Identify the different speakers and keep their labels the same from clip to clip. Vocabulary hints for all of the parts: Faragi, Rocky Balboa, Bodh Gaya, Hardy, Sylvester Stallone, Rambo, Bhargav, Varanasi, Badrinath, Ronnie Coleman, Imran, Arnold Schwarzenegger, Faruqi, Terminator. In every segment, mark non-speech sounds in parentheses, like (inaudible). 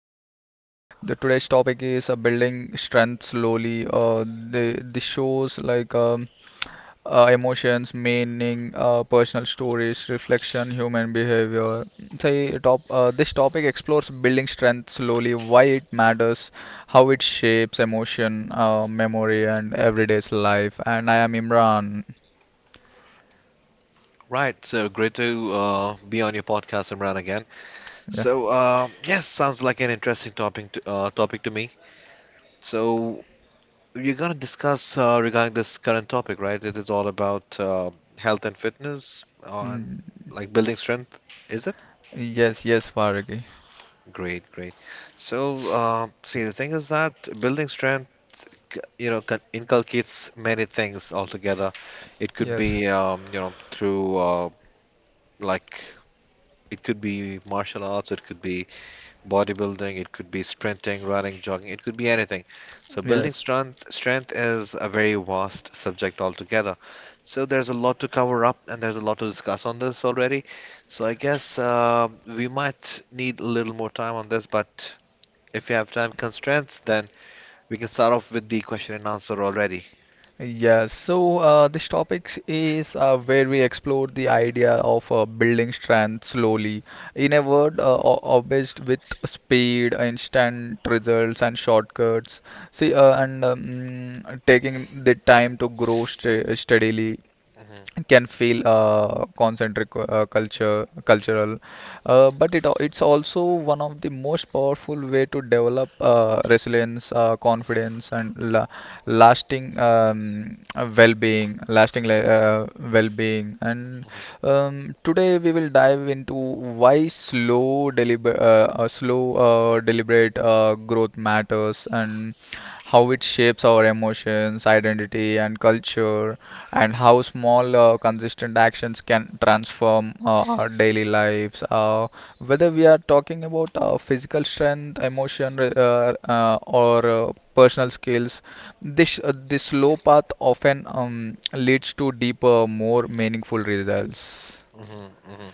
Speaker 1: The today's topic is building strength slowly. The shows like emotions, meaning, personal stories, reflection, human behavior. Say top. This topic explores building strength slowly, why it matters, how it shapes emotion, memory, and everyday's life. And I am Imran.
Speaker 2: Right, so great to be on your podcast, Imran, again.
Speaker 1: Yeah.
Speaker 2: Yes, sounds like an interesting topic topic to me. So, you're going to discuss regarding this current topic, right? It is all about health and fitness on
Speaker 1: Mm,
Speaker 2: like building strength, is it?
Speaker 1: yes, yes, Faragi.
Speaker 2: Great, great. So, see, the thing is that building strength, you know, can inculcates many things altogether. It could
Speaker 1: Yes.
Speaker 2: be, you know, through like it could be martial arts, it could be bodybuilding, it could be sprinting, running, jogging, it could be anything. So building
Speaker 1: Yes.
Speaker 2: strength is a very vast subject altogether. So there's a lot to cover up and there's a lot to discuss on this already. So I guess we might need a little more time on this, but if you have time constraints, then we can start off with the question and answer already.
Speaker 1: Yes. So this topic is where we explore the idea of building strength slowly. In a word, obsessed with speed, instant results, and shortcuts. See, and taking the time to grow st steadily.
Speaker 2: hmm
Speaker 1: Can feel concentric culture cultural, but it's also one of the most powerful way to develop resilience, confidence and lasting well-being. And today we will dive into why slow, deliberate growth matters, and how it shapes our emotions, identity, and culture, and how small, consistent actions can transform our daily lives. Whether we are talking about physical strength, emotion, re- or personal skills, this slow path often leads to deeper, more meaningful results.
Speaker 2: hmm.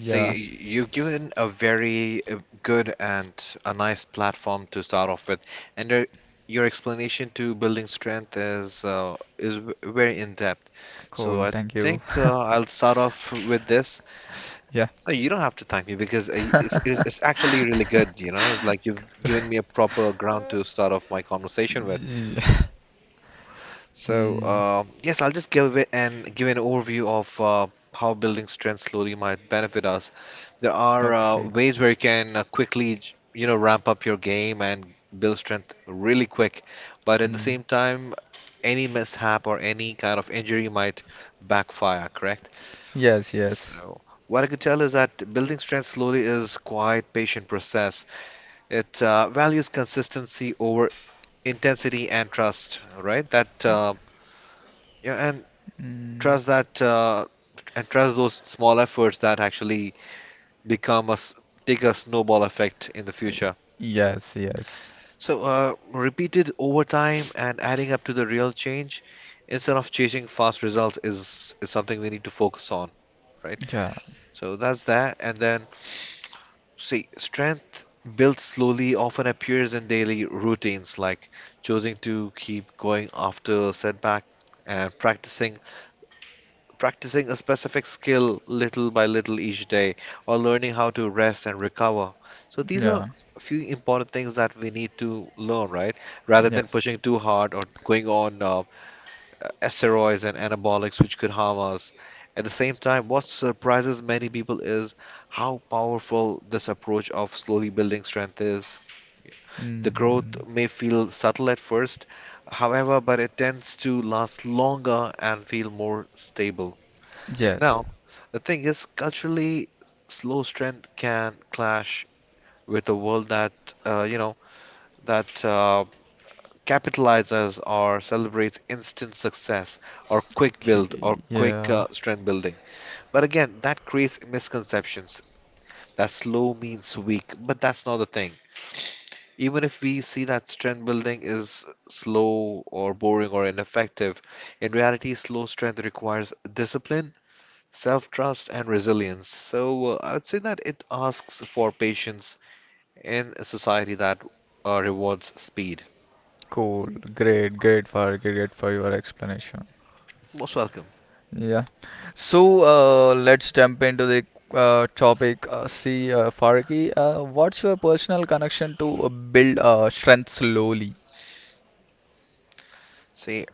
Speaker 2: So you've given a very good and a nice platform to start off with, and your explanation to building strength is very in depth. So
Speaker 1: cool.
Speaker 2: I
Speaker 1: Thank you.
Speaker 2: think
Speaker 1: (laughs)
Speaker 2: I'll start off with this.
Speaker 1: Yeah.
Speaker 2: No, you don't have to thank me because it's actually really good. You know, like you've given me a proper ground to start off my conversation with.
Speaker 1: Yeah.
Speaker 2: So,
Speaker 1: Mm,
Speaker 2: yes, I'll just give it and give an overview of how building strength slowly might benefit us. There are
Speaker 1: okay.
Speaker 2: ways where you can quickly, you know, ramp up your game and build strength really quick, but at the
Speaker 1: Mm.
Speaker 2: same time, any mishap or any kind of injury might backfire, correct?
Speaker 1: Yes, yes.
Speaker 2: What I could tell is that building strength slowly is quite patient process. It values consistency over intensity and trust, right? That yeah, and
Speaker 1: Mm,
Speaker 2: trust that and trust those small efforts that actually become us take a snowball effect in the future,
Speaker 1: yes, yes.
Speaker 2: so repeated over time and adding up to the real change instead of chasing fast results is something we need to focus on, right?
Speaker 1: Yeah,
Speaker 2: So that's that, and then see strength built slowly often appears in daily routines like choosing to keep going after a setback and practicing a specific skill little by little each day, or learning how to rest and recover. So these are
Speaker 1: yeah.
Speaker 2: few important things that we need to learn, right? Rather than
Speaker 1: Yes.
Speaker 2: pushing too hard or going on steroids and anabolics, which could harm us. At the same time, what surprises many people is how powerful this approach of slowly building strength is. The growth
Speaker 1: Mm,
Speaker 2: may feel subtle at first, however, but it tends to last longer and feel more stable.
Speaker 1: yes.
Speaker 2: Now, the thing is, culturally, slow strength can clash with a world that uh, you know that uh, capitalizes or celebrates instant success or quick build,
Speaker 1: Okay.
Speaker 2: quick
Speaker 1: Yeah.
Speaker 2: trend building. But again, that creates misconceptions that slow means weak, but that's not the thing. Even if we see that strength building is slow or boring or ineffective, in reality, slow strength requires discipline, self trust and resilience. So I'd say that it asks for patience in a society that rewards speed.
Speaker 1: Cool. Great. Great for your explanation. Yeah. So let's jump into the topic. See, Faraki, what's your personal connection to build strength slowly?
Speaker 2: See,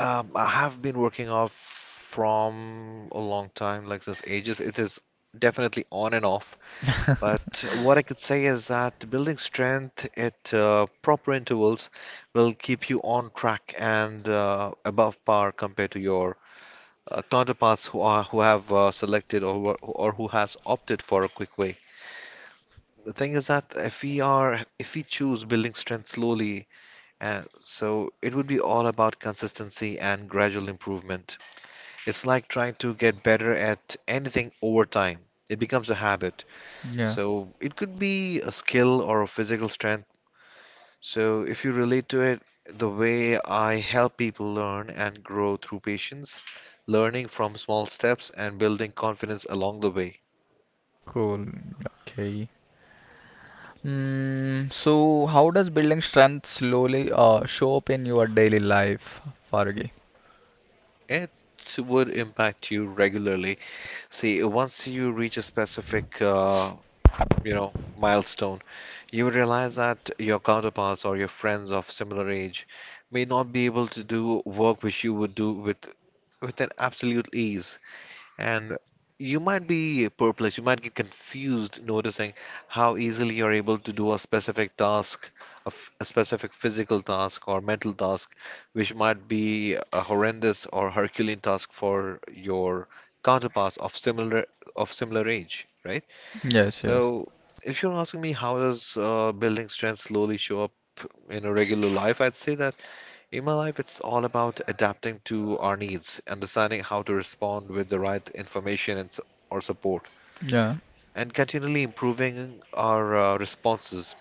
Speaker 2: I have been working off from a long time, like since ages. It is definitely on and off. But what I could say is that building strength at proper intervals will keep you on track and above par compared to your counterparts who have selected or who has opted for a quick way. The thing is that if we choose building strength slowly, so it would be all about consistency and gradual improvement. It's like trying to get better at anything over time. It becomes a habit.
Speaker 1: Yeah,
Speaker 2: So it could be a skill or a physical strength. So, if you relate to it, the way I help people learn and grow through patience, learning from small steps, and building confidence along the way,
Speaker 1: cool. Okay. Mm, so how does building strength slowly show up in your daily life, Faragi?
Speaker 2: it would impact you regularly. See, once you reach a specific, you know, milestone, you would realize that your counterparts or your friends of similar age may not be able to do work which you would do with an absolute ease. And you might be perplexed, you might get confused noticing how easily you're able to do a specific task, a specific physical task or mental task, which might be a horrendous or Herculean task for your counterparts of similar age, right?
Speaker 1: Yes, yes.
Speaker 2: So if you're asking me how does building strength slowly show up in a regular life, I'd say that in my life, it's all about adapting to our needs, understanding how to respond with the right information or support,
Speaker 1: Yeah,
Speaker 2: and continually improving our responses.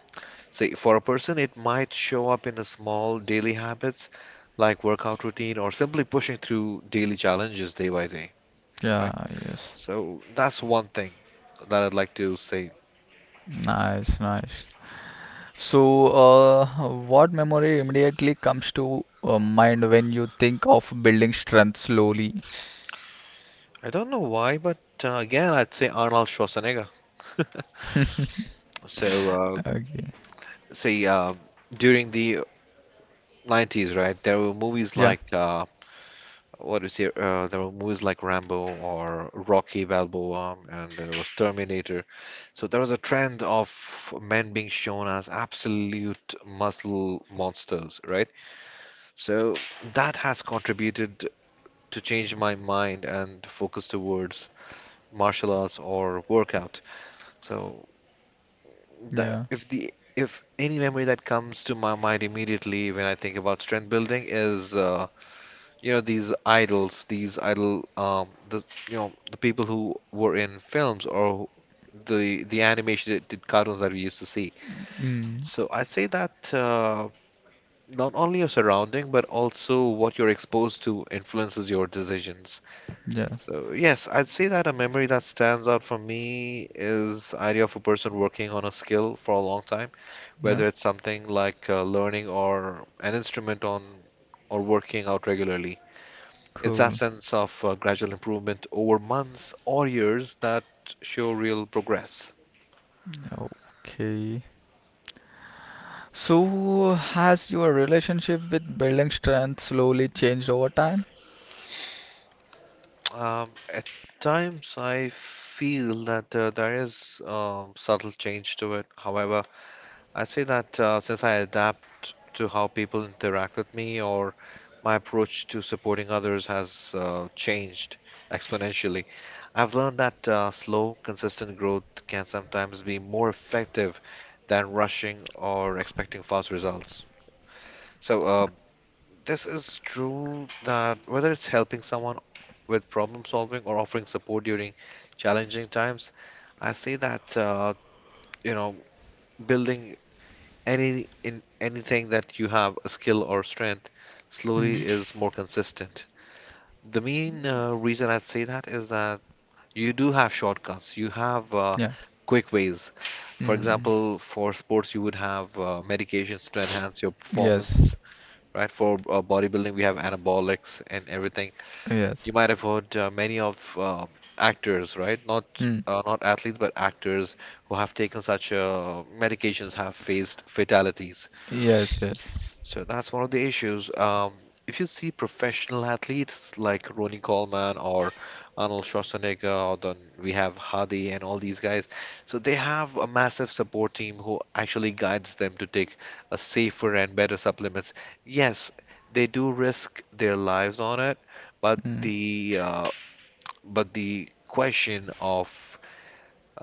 Speaker 2: Say, for a person, it might show up in a small daily habits like workout routine or simply pushing through daily challenges day by day, right?
Speaker 1: yeah, yes.
Speaker 2: So that's one thing that I'd like to say.
Speaker 1: Nice, nice. So, what memory immediately comes to mind when you think of building strength slowly?
Speaker 2: I don't know why, but again, I'd say Arnold Schwarzenegger. (laughs)
Speaker 1: (laughs)
Speaker 2: So,
Speaker 1: Okay.
Speaker 2: say during the 90s, right? There were movies
Speaker 1: Yeah.
Speaker 2: like what do you say? There were movies like Rambo or Rocky Balboa, and there was Terminator. So there was a trend of men being shown as absolute muscle monsters, right? So that has contributed to change my mind and focus towards martial arts or workout. So that
Speaker 1: Yeah.
Speaker 2: if any memory that comes to my mind immediately when I think about strength building is you know, these idols these idol the you know, the people who were in films or the animation did cartoons that we used to see.
Speaker 1: Mm.
Speaker 2: So I say that not only your surrounding but also what you're exposed to influences your decisions.
Speaker 1: Yeah.
Speaker 2: So yes, I'd say that a memory that stands out for me is idea of a person working on a skill for a long time,
Speaker 1: Yeah.
Speaker 2: whether it's something like learning or an instrument on or working out regularly. It's that
Speaker 1: Cool.
Speaker 2: sense of gradual improvement over months or years that show real progress.
Speaker 1: Okay. So, has your relationship with building strength slowly changed over time?
Speaker 2: At times, I feel that there is subtle change to it. However, I say that since I adapt to how people interact with me or my approach to supporting others has changed exponentially. I've learned that slow, consistent growth can sometimes be more effective than rushing or expecting fast results. So this is true that whether it's helping someone with problem solving or offering support during challenging times, I see that you know, building anything that you have a skill or strength slowly
Speaker 1: Mm.
Speaker 2: is more consistent. The main reason I'd say that is that you do have shortcuts. You have
Speaker 1: Yeah.
Speaker 2: quick ways. For
Speaker 1: Mm.
Speaker 2: example, for sports, you would have medications to enhance your
Speaker 1: Yes.
Speaker 2: performance, right? For bodybuilding, we have anabolics and everything.
Speaker 1: Yes.
Speaker 2: You might have heard many of actors, right?
Speaker 1: Mm.
Speaker 2: Not athletes, but actors who have taken such medications have faced fatalities.
Speaker 1: Yes. Yes.
Speaker 2: So that's one of the issues. If you see professional athletes like Ronnie Coleman or Arnold Schwarzenegger, or then we have Hardy and all these guys, so they have a massive support team who actually guides them to take a safer and better supplements. Yes, they do risk their lives on it, but
Speaker 1: Mm.
Speaker 2: the uh, but the question of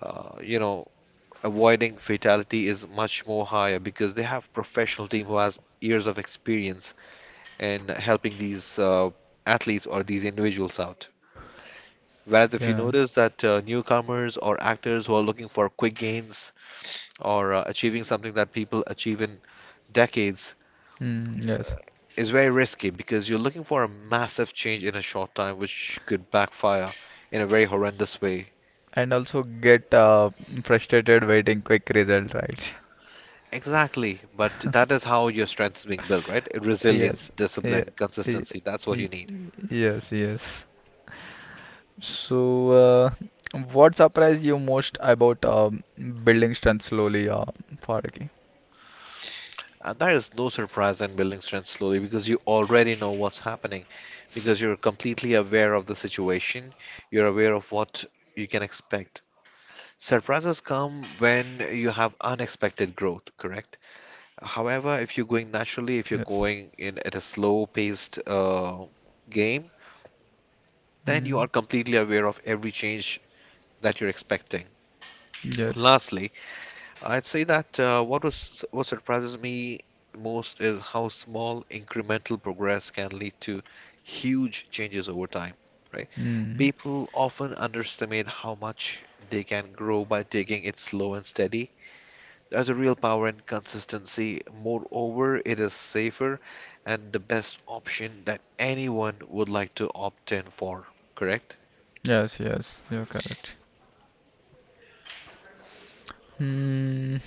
Speaker 2: you know, avoiding fatality is much more higher because they have professional team who has years of experience in helping these athletes or these individuals out. Whereas if you
Speaker 1: Yeah.
Speaker 2: notice that newcomers or actors who are looking for quick gains or achieving something that people achieve in decades
Speaker 1: Mm. Yes.
Speaker 2: is very risky because you're looking for a massive change in a short time, which could backfire in a very horrendous way.
Speaker 1: And also get frustrated waiting quick result, right?
Speaker 2: Exactly, but that is how your strength is being built, right?
Speaker 1: (laughs)
Speaker 2: Resilience,
Speaker 1: Yes.
Speaker 2: discipline,
Speaker 1: Yeah. Y-
Speaker 2: consistency. That's what
Speaker 1: y-
Speaker 2: you need.
Speaker 1: Yes. Yes. So, what surprised you most about building strength slowly, Faraki?
Speaker 2: And that is no surprise in building strength slowly because you already know what's happening, because you're completely aware of the situation, you're aware of what you can expect. Surprises come when you have unexpected growth, correct? However, if you're going naturally, if you're
Speaker 1: Yes.
Speaker 2: going in at a slow paced game, then you
Speaker 1: Mm.
Speaker 2: are completely aware of every change that you're expecting.
Speaker 1: Yes.
Speaker 2: Lastly, I'd say that what surprises me most is how small incremental progress can lead to huge changes over time, right?
Speaker 1: Mm.
Speaker 2: People often underestimate how much they can grow by taking it slow and steady. There's a real power in consistency. Moreover, it is safer and the best option that anyone would like to opt in for, correct?
Speaker 1: Yes, yes, you're correct. Hmm.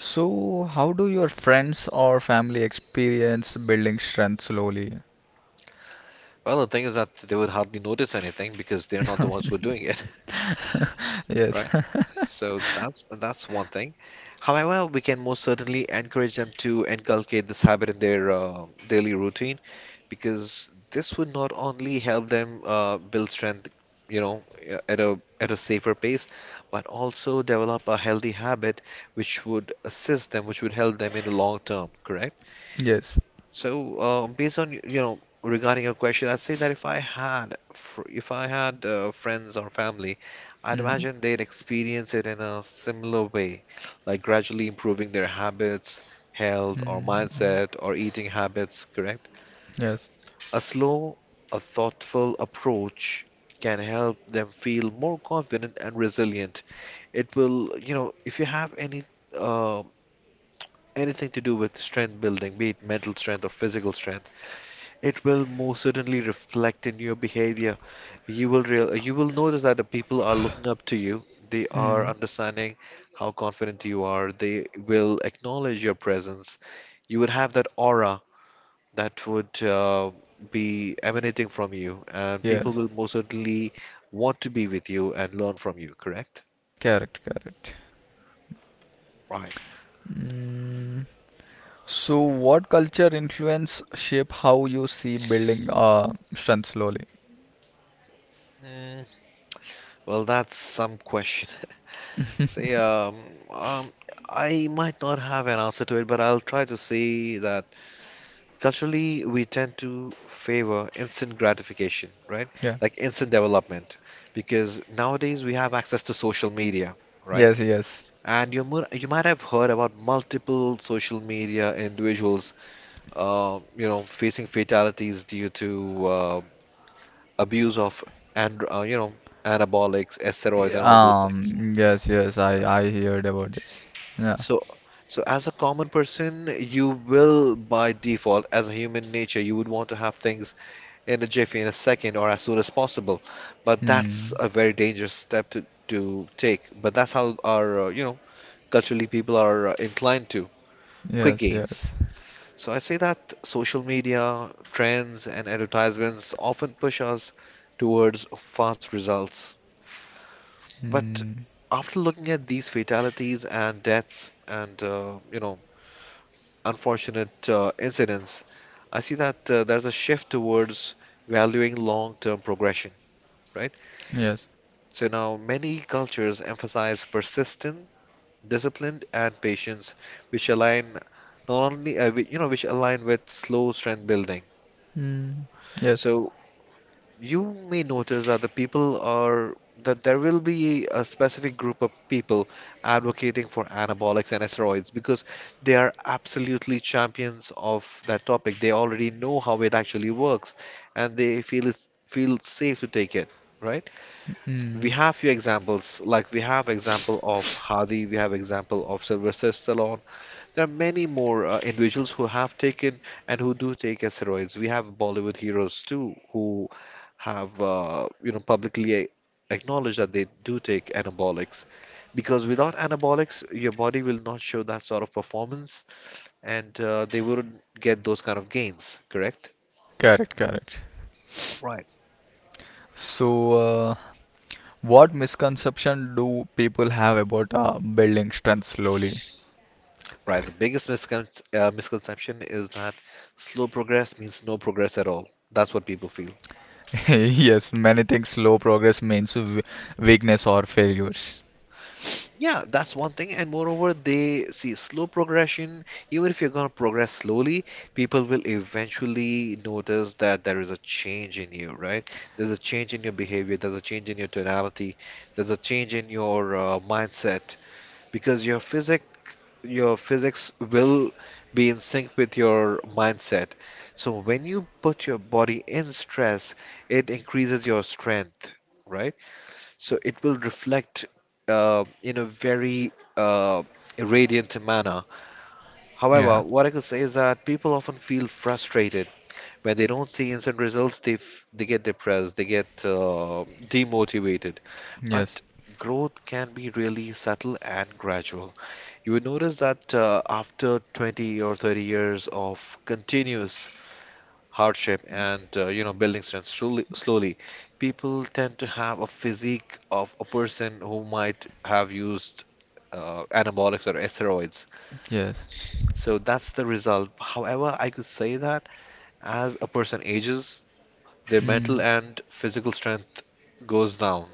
Speaker 1: So, how do your friends or family experience building strength slowly?
Speaker 2: Well, the thing is that they would hardly notice anything because they're not the ones who are doing it. (laughs)
Speaker 1: (laughs) Yes. (laughs)
Speaker 2: So that's one thing. However, we can most certainly encourage them to inculcate this habit in their daily routine because this would not only help them build strength, you know, at a safer pace, but also develop a healthy habit which would assist them, which would help them in the long term. Correct?
Speaker 1: Yes.
Speaker 2: So, based on regarding your question, I'd say that if if I had friends or family, I'd
Speaker 1: Mm.
Speaker 2: imagine they'd experience it in a similar way, like gradually improving their habits, health or
Speaker 1: Mm.
Speaker 2: mindset or eating habits, correct?
Speaker 1: Yes.
Speaker 2: A slow, a thoughtful approach can help them feel more confident and resilient. It will, if you have any uh, anything to do with strength building, be it mental strength or physical strength, it will most certainly reflect in your behavior. You will notice that the people are looking up to you. They are
Speaker 1: Mm.
Speaker 2: understanding how confident you are. They will acknowledge your presence. You would have that aura that would be emanating from you, and people
Speaker 1: Yes.
Speaker 2: will most certainly want to be with you and learn from you. Correct?
Speaker 1: Correct, correct.
Speaker 2: Right.
Speaker 1: Mm. So, what culture influence shape how you see building strength slowly?
Speaker 2: Mm, well, that's some question. (laughs) Say,
Speaker 1: (laughs)
Speaker 2: um, I might not have an answer to it, but I'll try to see that culturally, we tend to favor instant gratification, right?
Speaker 1: Yeah.
Speaker 2: Like instant development, because nowadays we have access to social media, right?
Speaker 1: Yes, yes.
Speaker 2: And you might have heard about multiple social media individuals, facing fatalities due to abuse of and you know anabolics, steroids, and all this.
Speaker 1: Yes, yes. I heard about this. Yeah.
Speaker 2: So, so as a common person, you will by default, as a human nature, you would want to have things in a jiffy, in a second, or as soon as possible. But that's
Speaker 1: Hmm.
Speaker 2: a very dangerous step to take. But that's how our, culturally people are inclined to quick
Speaker 1: Yes,
Speaker 2: gains.
Speaker 1: yes.
Speaker 2: So I say that social media, trends, and advertisements often push us towards fast results. But
Speaker 1: Hmm.
Speaker 2: after looking at these fatalities and deaths and, unfortunate incidents, I see that there's a shift towards valuing long term progression, right?
Speaker 1: Yes.
Speaker 2: So now many cultures emphasize persistence, discipline, and patience, which align not only which align with slow strength building.
Speaker 1: Hmm. Yes.
Speaker 2: So you may notice that the people are that there will be a specific group of people advocating for anabolics and steroids because they are absolutely champions of that topic. They already know how it actually works, and feel safe to take it, right? We
Speaker 1: Hmm.
Speaker 2: have few examples, like we have example of Hadi, we have example of Sylvester Stallone. There are many more individuals who have taken and who do take steroids. We have Bollywood heroes too who have publicly acknowledged that they do take anabolics, because without anabolics your body will not show that sort of performance, and they wouldn't get those kind of gains, correct?
Speaker 1: Correct, correct.
Speaker 2: Right.
Speaker 1: So, what misconception do people have about building strength slowly?
Speaker 2: Right. The biggest misconception is that slow progress means no progress at all. That's what people feel.
Speaker 1: (laughs) Yes, many think slow progress means weakness or failures.
Speaker 2: Yeah, that's one thing. And moreover, they see slow progression. Even if you're going to progress slowly, people will eventually notice that there is a change in you, right? There's a change in your behavior, there's a change in your tonality, there's a change in your mindset, because your physics will be in sync with your mindset. So when you put your body in stress, it increases your strength, right? So it will reflect in a very uh, radiant manner. However,
Speaker 1: Yeah.
Speaker 2: what I could say is that people often feel frustrated when they don't see instant results. They get depressed, they get demotivated, but
Speaker 1: Yes.
Speaker 2: growth can be really subtle and gradual. You will notice that after 20 or 30 years of continuous hardship and building strength slowly, slowly, people tend to have a physique of a person who might have used anabolics or steroids.
Speaker 1: Yes.
Speaker 2: So that's the result. However, I could say that as a person ages, their mental
Speaker 1: Mm.
Speaker 2: and physical strength goes down.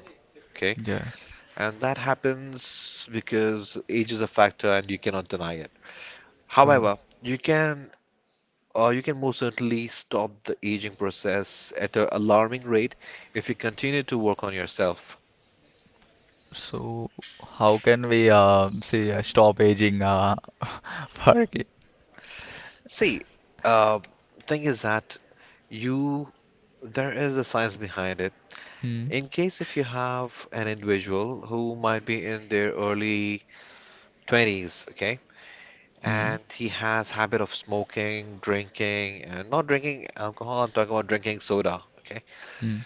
Speaker 2: Okay,
Speaker 1: Yes.
Speaker 2: and that happens because age is a factor and you cannot deny it.
Speaker 1: Cool.
Speaker 2: However, you can you can most certainly stop the aging process at an alarming rate if you continue to work on yourself.
Speaker 1: So, how can we say stop aging? (laughs) Farki?
Speaker 2: See, uh, thing is that you there is a science behind it.
Speaker 1: Mm.
Speaker 2: In case if you have an individual who might be in their early 20s, okay,
Speaker 1: Mm.
Speaker 2: and he has habit of smoking, drinking, and not drinking alcohol, I'm talking about drinking soda, okay?
Speaker 1: Mm.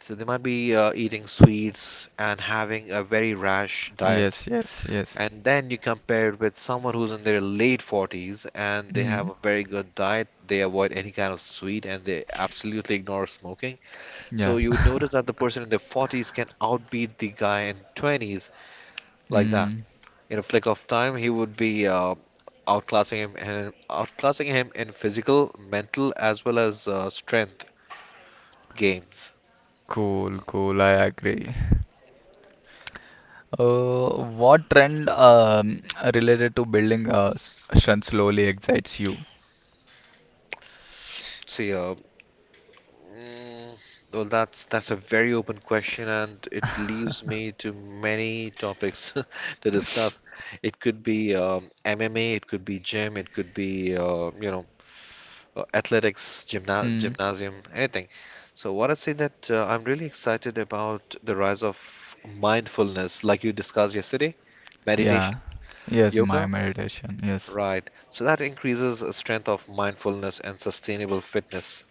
Speaker 2: So they might be eating sweets and having a very rash diet,
Speaker 1: Yes. Yes. Yes.
Speaker 2: and then you compare it with someone who's in their late 40s and they have
Speaker 1: Mm.
Speaker 2: a very good diet. They avoid any kind of sweet and they absolutely ignore smoking.
Speaker 1: Yeah.
Speaker 2: So you would
Speaker 1: (laughs)
Speaker 2: notice that the person in their 40s can outbeat the guy in 20s, like that.
Speaker 1: Mm.
Speaker 2: In a flick of time he would be outclassing him and outclassing him in physical, mental, as well as strength games.
Speaker 1: Cool. Cool. I agree. What trend related to building strength slowly excites you?
Speaker 2: So yeah. Mm, well, that's a very open question, and it leaves me to many topics (laughs) to discuss. It could be MMA, it could be gym, it could be athletics,
Speaker 1: Hmm,
Speaker 2: gymnastics. So what I say that I'm really excited about the rise of mindfulness, like you discussed yesterday, meditative
Speaker 1: yeah. Yes, my
Speaker 2: yoga.
Speaker 1: meditation. Yes.
Speaker 2: Right. So that increases the strength of mindfulness and sustainable fitness.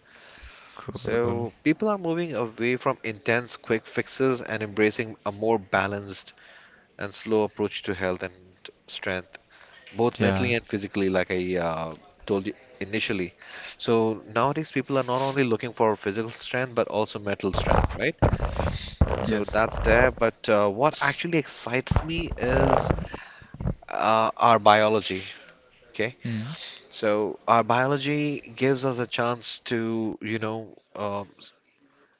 Speaker 1: Cool.
Speaker 2: So, people are moving away from intense quick fixes and embracing a more balanced and slow approach to health and strength, both
Speaker 1: Yeah.
Speaker 2: mentally and physically, like I told you initially. So, nowadays, people are not only looking for physical strength but also mental strength, right? So,
Speaker 1: Yes.
Speaker 2: that's there. But what actually excites me is our biology. Okay,
Speaker 1: Mm.
Speaker 2: so our biology gives us a chance to,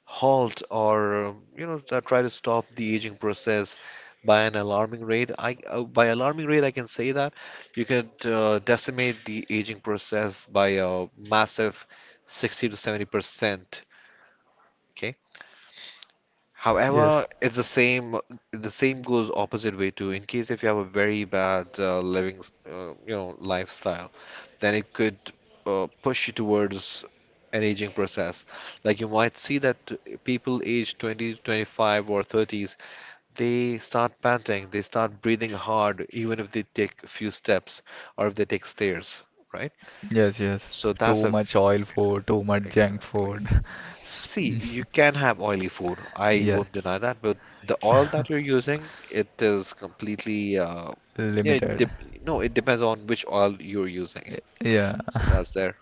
Speaker 2: halt or try to stop the aging process by an alarming rate. I By alarming rate I can say that you could decimate the aging process by a massive 60 to 70%, okay?
Speaker 1: Yes.
Speaker 2: However, it's the same. The same goes opposite way too. In case if you have a very bad living, lifestyle, then it could push you towards an aging process. Like you might see that people aged 20, 25, or 30s, they start panting, they start breathing hard, even if they take a few steps or if they take stairs, right?
Speaker 1: Yes, yes.
Speaker 2: So that's
Speaker 1: Too
Speaker 2: a,
Speaker 1: much oil food, too much junk
Speaker 2: exactly.
Speaker 1: food. (laughs) S-
Speaker 2: See,
Speaker 1: (laughs)
Speaker 2: you can have oily food. I
Speaker 1: Yeah.
Speaker 2: won't deny that, but the oil that you're using, it is completely it
Speaker 1: Limited.
Speaker 2: dep- no, it depends on which oil you're using.
Speaker 1: Yeah.
Speaker 2: So that's there.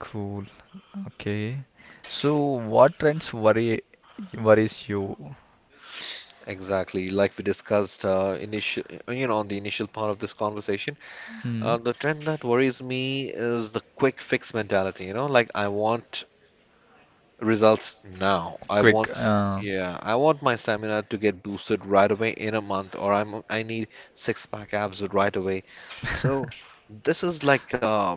Speaker 1: Cool. Okay. So what trends worry worries you?
Speaker 2: Exactly. Like we discussed initial, you know, on the initial part of this conversation,
Speaker 1: Mm.
Speaker 2: the trend that worries me is the quick fix mentality, you know, like I want results now. I
Speaker 1: Quick.
Speaker 2: want, yeah, I want my stamina to get boosted right away in a month, or I need six pack abs right away. So this is like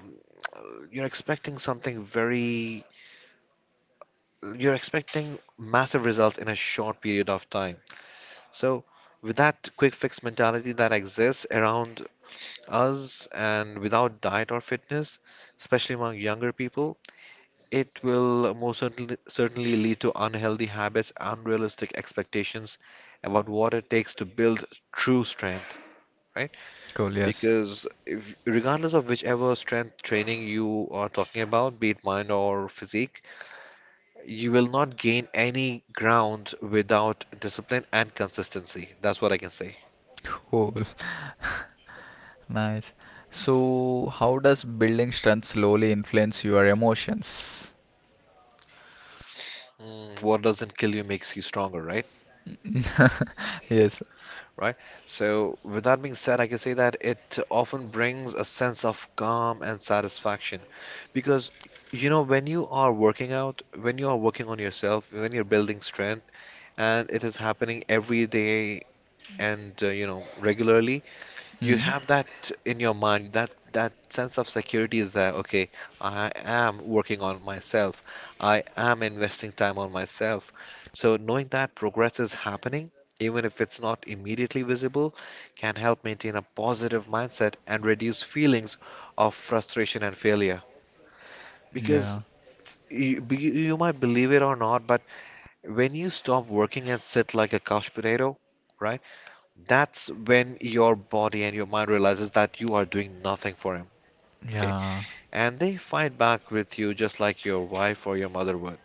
Speaker 2: (tsk) you're expecting something very you're expecting massive results in a short period of time. So with that quick fix mentality that exists around us and without diet or fitness, especially among younger people, it will most certainly lead to unhealthy habits, unrealistic expectations about what it takes to build true strength, right?
Speaker 1: Cool, yes.
Speaker 2: Because if, regardless of whichever strength training you are talking about, be it mind or physique, you will not gain any ground without discipline and consistency. That's what I can say.
Speaker 1: Cool. Nice. So how does building strength slowly influence your emotions?
Speaker 2: What doesn't kill you makes you stronger, right?
Speaker 1: Yes.
Speaker 2: right? So, with that being said, I can say that it often brings a sense of calm and satisfaction because when you are working out, when you are working on yourself, when you're building strength, and it is happening every day and regularly, you
Speaker 1: Mm.
Speaker 2: have that in your mind that that sense of security is there. Okay, I am working on myself. I am investing time on myself. So knowing that progress is happening, even if it's not immediately visible, can help maintain a positive mindset and reduce feelings of frustration and failure. Because
Speaker 1: Yeah.
Speaker 2: you, be- you might believe it or not, but when you stop working and sit like a couch potato, right, that's when your body and your mind realizes that you are doing nothing for him. Okay.
Speaker 1: Yeah.
Speaker 2: And they fight back with you just like your wife or your mother would.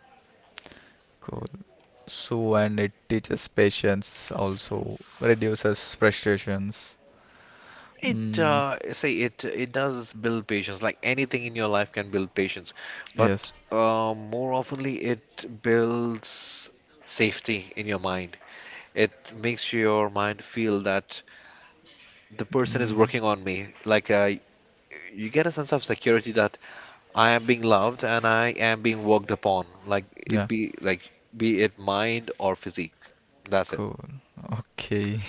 Speaker 1: Cool. So, and it teaches patience also, reduces frustrations.
Speaker 2: it
Speaker 1: Mm,
Speaker 2: uh say it it does build patience, like anything in your life can build patience. But
Speaker 1: yes.
Speaker 2: more oftenly it builds safety in your mind. It makes your mind feel that the person is
Speaker 1: Mm,
Speaker 2: working on me, like you get a sense of security that I am being loved and I am being worked upon, like it
Speaker 1: yeah.
Speaker 2: be like be it mind or physique. That's it.
Speaker 1: Cool. Okay. (laughs)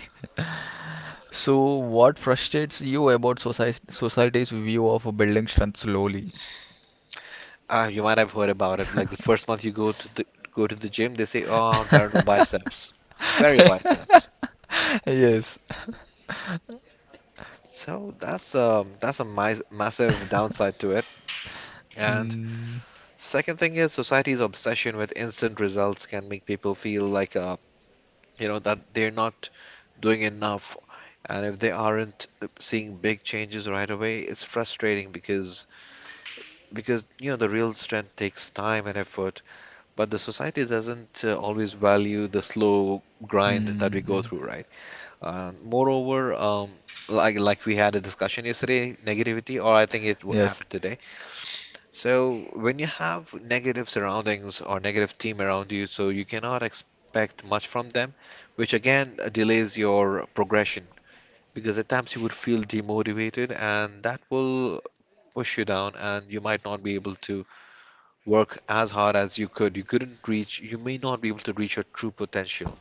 Speaker 1: So, what frustrates you about society's view of building strength slowly?
Speaker 2: You might have heard about it. Like the first month you go to the gym, they say, "Oh, there are no biceps. Where are your biceps?"
Speaker 1: (laughs) Yes.
Speaker 2: So that's a massive downside to it. And
Speaker 1: Mm,
Speaker 2: second thing is society's obsession with instant results can make people feel like that they're not doing enough. And if they aren't seeing big changes right away, it's frustrating because you know the real strength takes time and effort, but the society doesn't always value the slow grind that we go
Speaker 1: hmm.
Speaker 2: through, right? Moreover, like we had a discussion yesterday, negativity, or I think
Speaker 1: Yes.
Speaker 2: happened today. So when you have negative surroundings or negative team around you, so you cannot expect much from them, which again delays your progression, because at times you would feel demotivated and that will push you down and you might not be able to work as hard as you could, you couldn't reach, you may not be able to reach your true potential.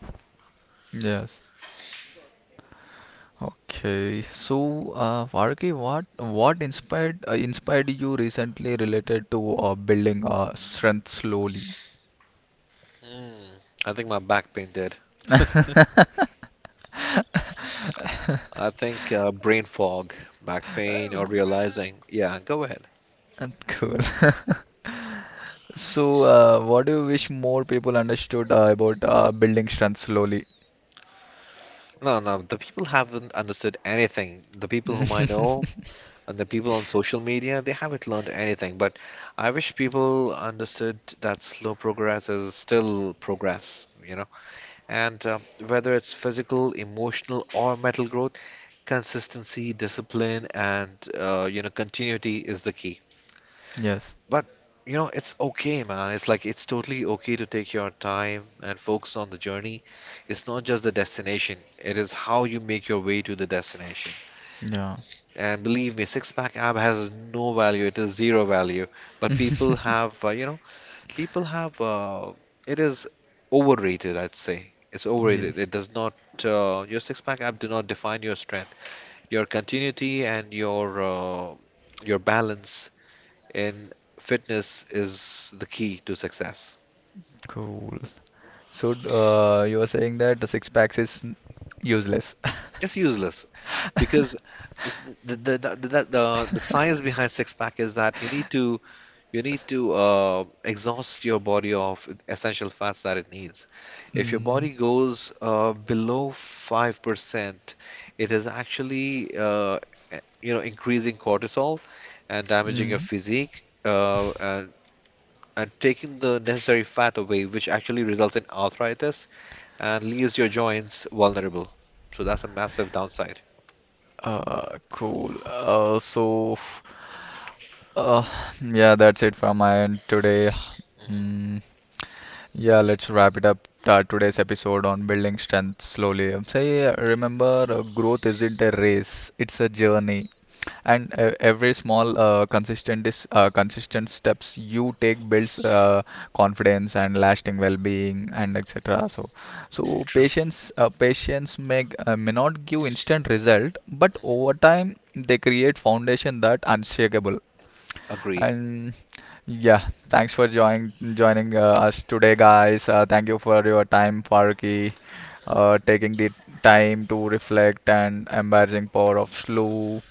Speaker 1: Yes. Okay. So, Varki, what inspired you recently related to building strength slowly?
Speaker 2: Mm, I think my back pain did. I think brain fog, back pain, or realizing. Yeah, go ahead.
Speaker 1: Cool. (laughs) So, what do you wish more people understood about building strength slowly?
Speaker 2: No, no, the people haven't understood anything. The people whom I know
Speaker 1: (laughs)
Speaker 2: and the people on social media, they haven't learned anything. But I wish people understood that slow progress is still progress, you know, and whether it's physical, emotional, or mental growth. Consistency, discipline, and continuity is the key.
Speaker 1: Yes.
Speaker 2: But you know it's okay, man. It's like it's totally okay to take your time and focus on the journey. It's not just the destination; it is how you make your way to the destination.
Speaker 1: Yeah.
Speaker 2: And believe me, six pack ab has no value. It is zero value. But people have, you know, people have. It is overrated, I'd say. It's
Speaker 1: Yeah.
Speaker 2: overrated. It does not. Your six pack ab do not define your strength. Your continuity and your balance in fitness is the key to success.
Speaker 1: Cool. So, you are saying that the six packs is useless. (laughs)
Speaker 2: It's useless because s- the the the, the, the, the science behind six pack is that you need to exhaust your body of essential fats that it needs. If your
Speaker 1: Mm.
Speaker 2: body goes below 5%, it is actually increasing cortisol and damaging your
Speaker 1: Mm.
Speaker 2: physique and taking the necessary fat away, which actually results in arthritis and leaves your joints vulnerable. So that's a massive downside.
Speaker 1: Cool. Uh, yeah, that's it from my end today.
Speaker 2: Mhm.
Speaker 1: Mm. Yeah, let's wrap it up today's episode on building strength slowly. Say, remember, growth isn't a race, it's a journey. And every small, consistent steps you take builds confidence and lasting well-being and etc. So, so
Speaker 2: True.
Speaker 1: patience, uh, patience may not give instant result, but over time they create foundation that unshakable.
Speaker 2: Agreed.
Speaker 1: And yeah, thanks for joining us today, guys. Thank you for your time, Faruqi, taking the time to reflect and embarrassing power of slow.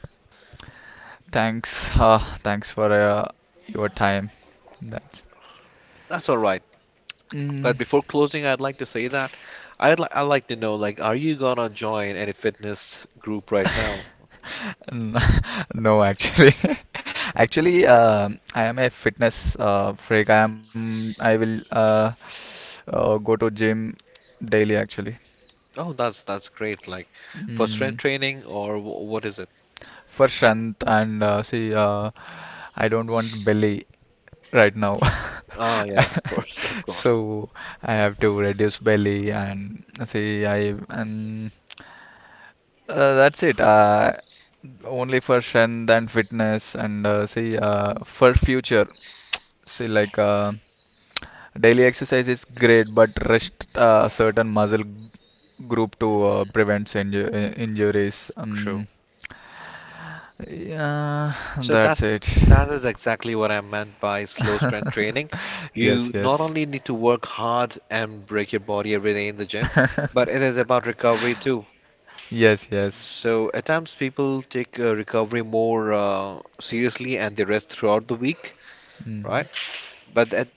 Speaker 1: Thanks for your time. That's.
Speaker 2: That's all right.
Speaker 1: Mm.
Speaker 2: But before closing, I'd like to say that I'd like to know, like, are you gonna join any fitness group right
Speaker 1: (laughs)
Speaker 2: now?
Speaker 1: N- (laughs) No, actually, (laughs) actually, I am a fitness freak. I am. I will go to gym daily. Actually.
Speaker 2: Oh, that's great. Like, for strength
Speaker 1: Mm.
Speaker 2: training or what is it?
Speaker 1: For strength and see I don't want belly right now. (laughs)
Speaker 2: Ah, yeah, of course, of course.
Speaker 1: So I have to reduce belly and see I and that's it. Only for strength and fitness and see for future. See like daily exercise is great, but rest certain muscle group to prevent injuries.
Speaker 2: True.
Speaker 1: Yeah,
Speaker 2: So
Speaker 1: that's it.
Speaker 2: that is exactly what I meant by slow strength training.
Speaker 1: (laughs) Yes,
Speaker 2: You not
Speaker 1: yes.
Speaker 2: only need to work hard and break your body every day in the gym, but
Speaker 1: (laughs)
Speaker 2: it is about recovery too.
Speaker 1: Yes, yes.
Speaker 2: So at times people take recovery more seriously and they rest throughout the week,
Speaker 1: Mm.
Speaker 2: right? But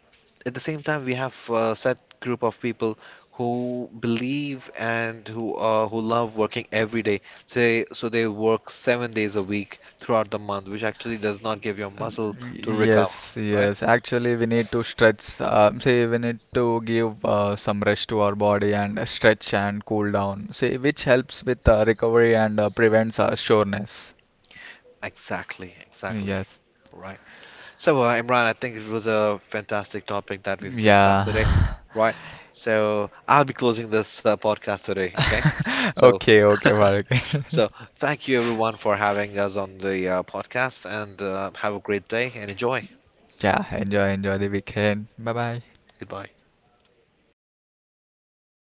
Speaker 2: at the same time we have a set group of people who believe and who love working every day, so they work 7 days a week throughout the month, which actually does not give your muscle to recover,
Speaker 1: Yes,
Speaker 2: right?
Speaker 1: yes. Actually, we need to stretch. Say, we need to give some rest to our body and stretch and cool down. See, which helps with recovery and prevents soreness.
Speaker 2: Exactly, exactly,
Speaker 1: Yes.
Speaker 2: right. So Imran, I think it was a fantastic topic that we've discussed
Speaker 1: Yeah.
Speaker 2: today, right? So I'll be closing this podcast today. Okay.
Speaker 1: (laughs)
Speaker 2: so
Speaker 1: Okay, okay, Bhargav.
Speaker 2: so
Speaker 1: (laughs)
Speaker 2: thank you everyone for having us on the podcast and have a great day and enjoy.
Speaker 1: Yeah, enjoy, enjoy the weekend. Bye bye.
Speaker 2: Goodbye.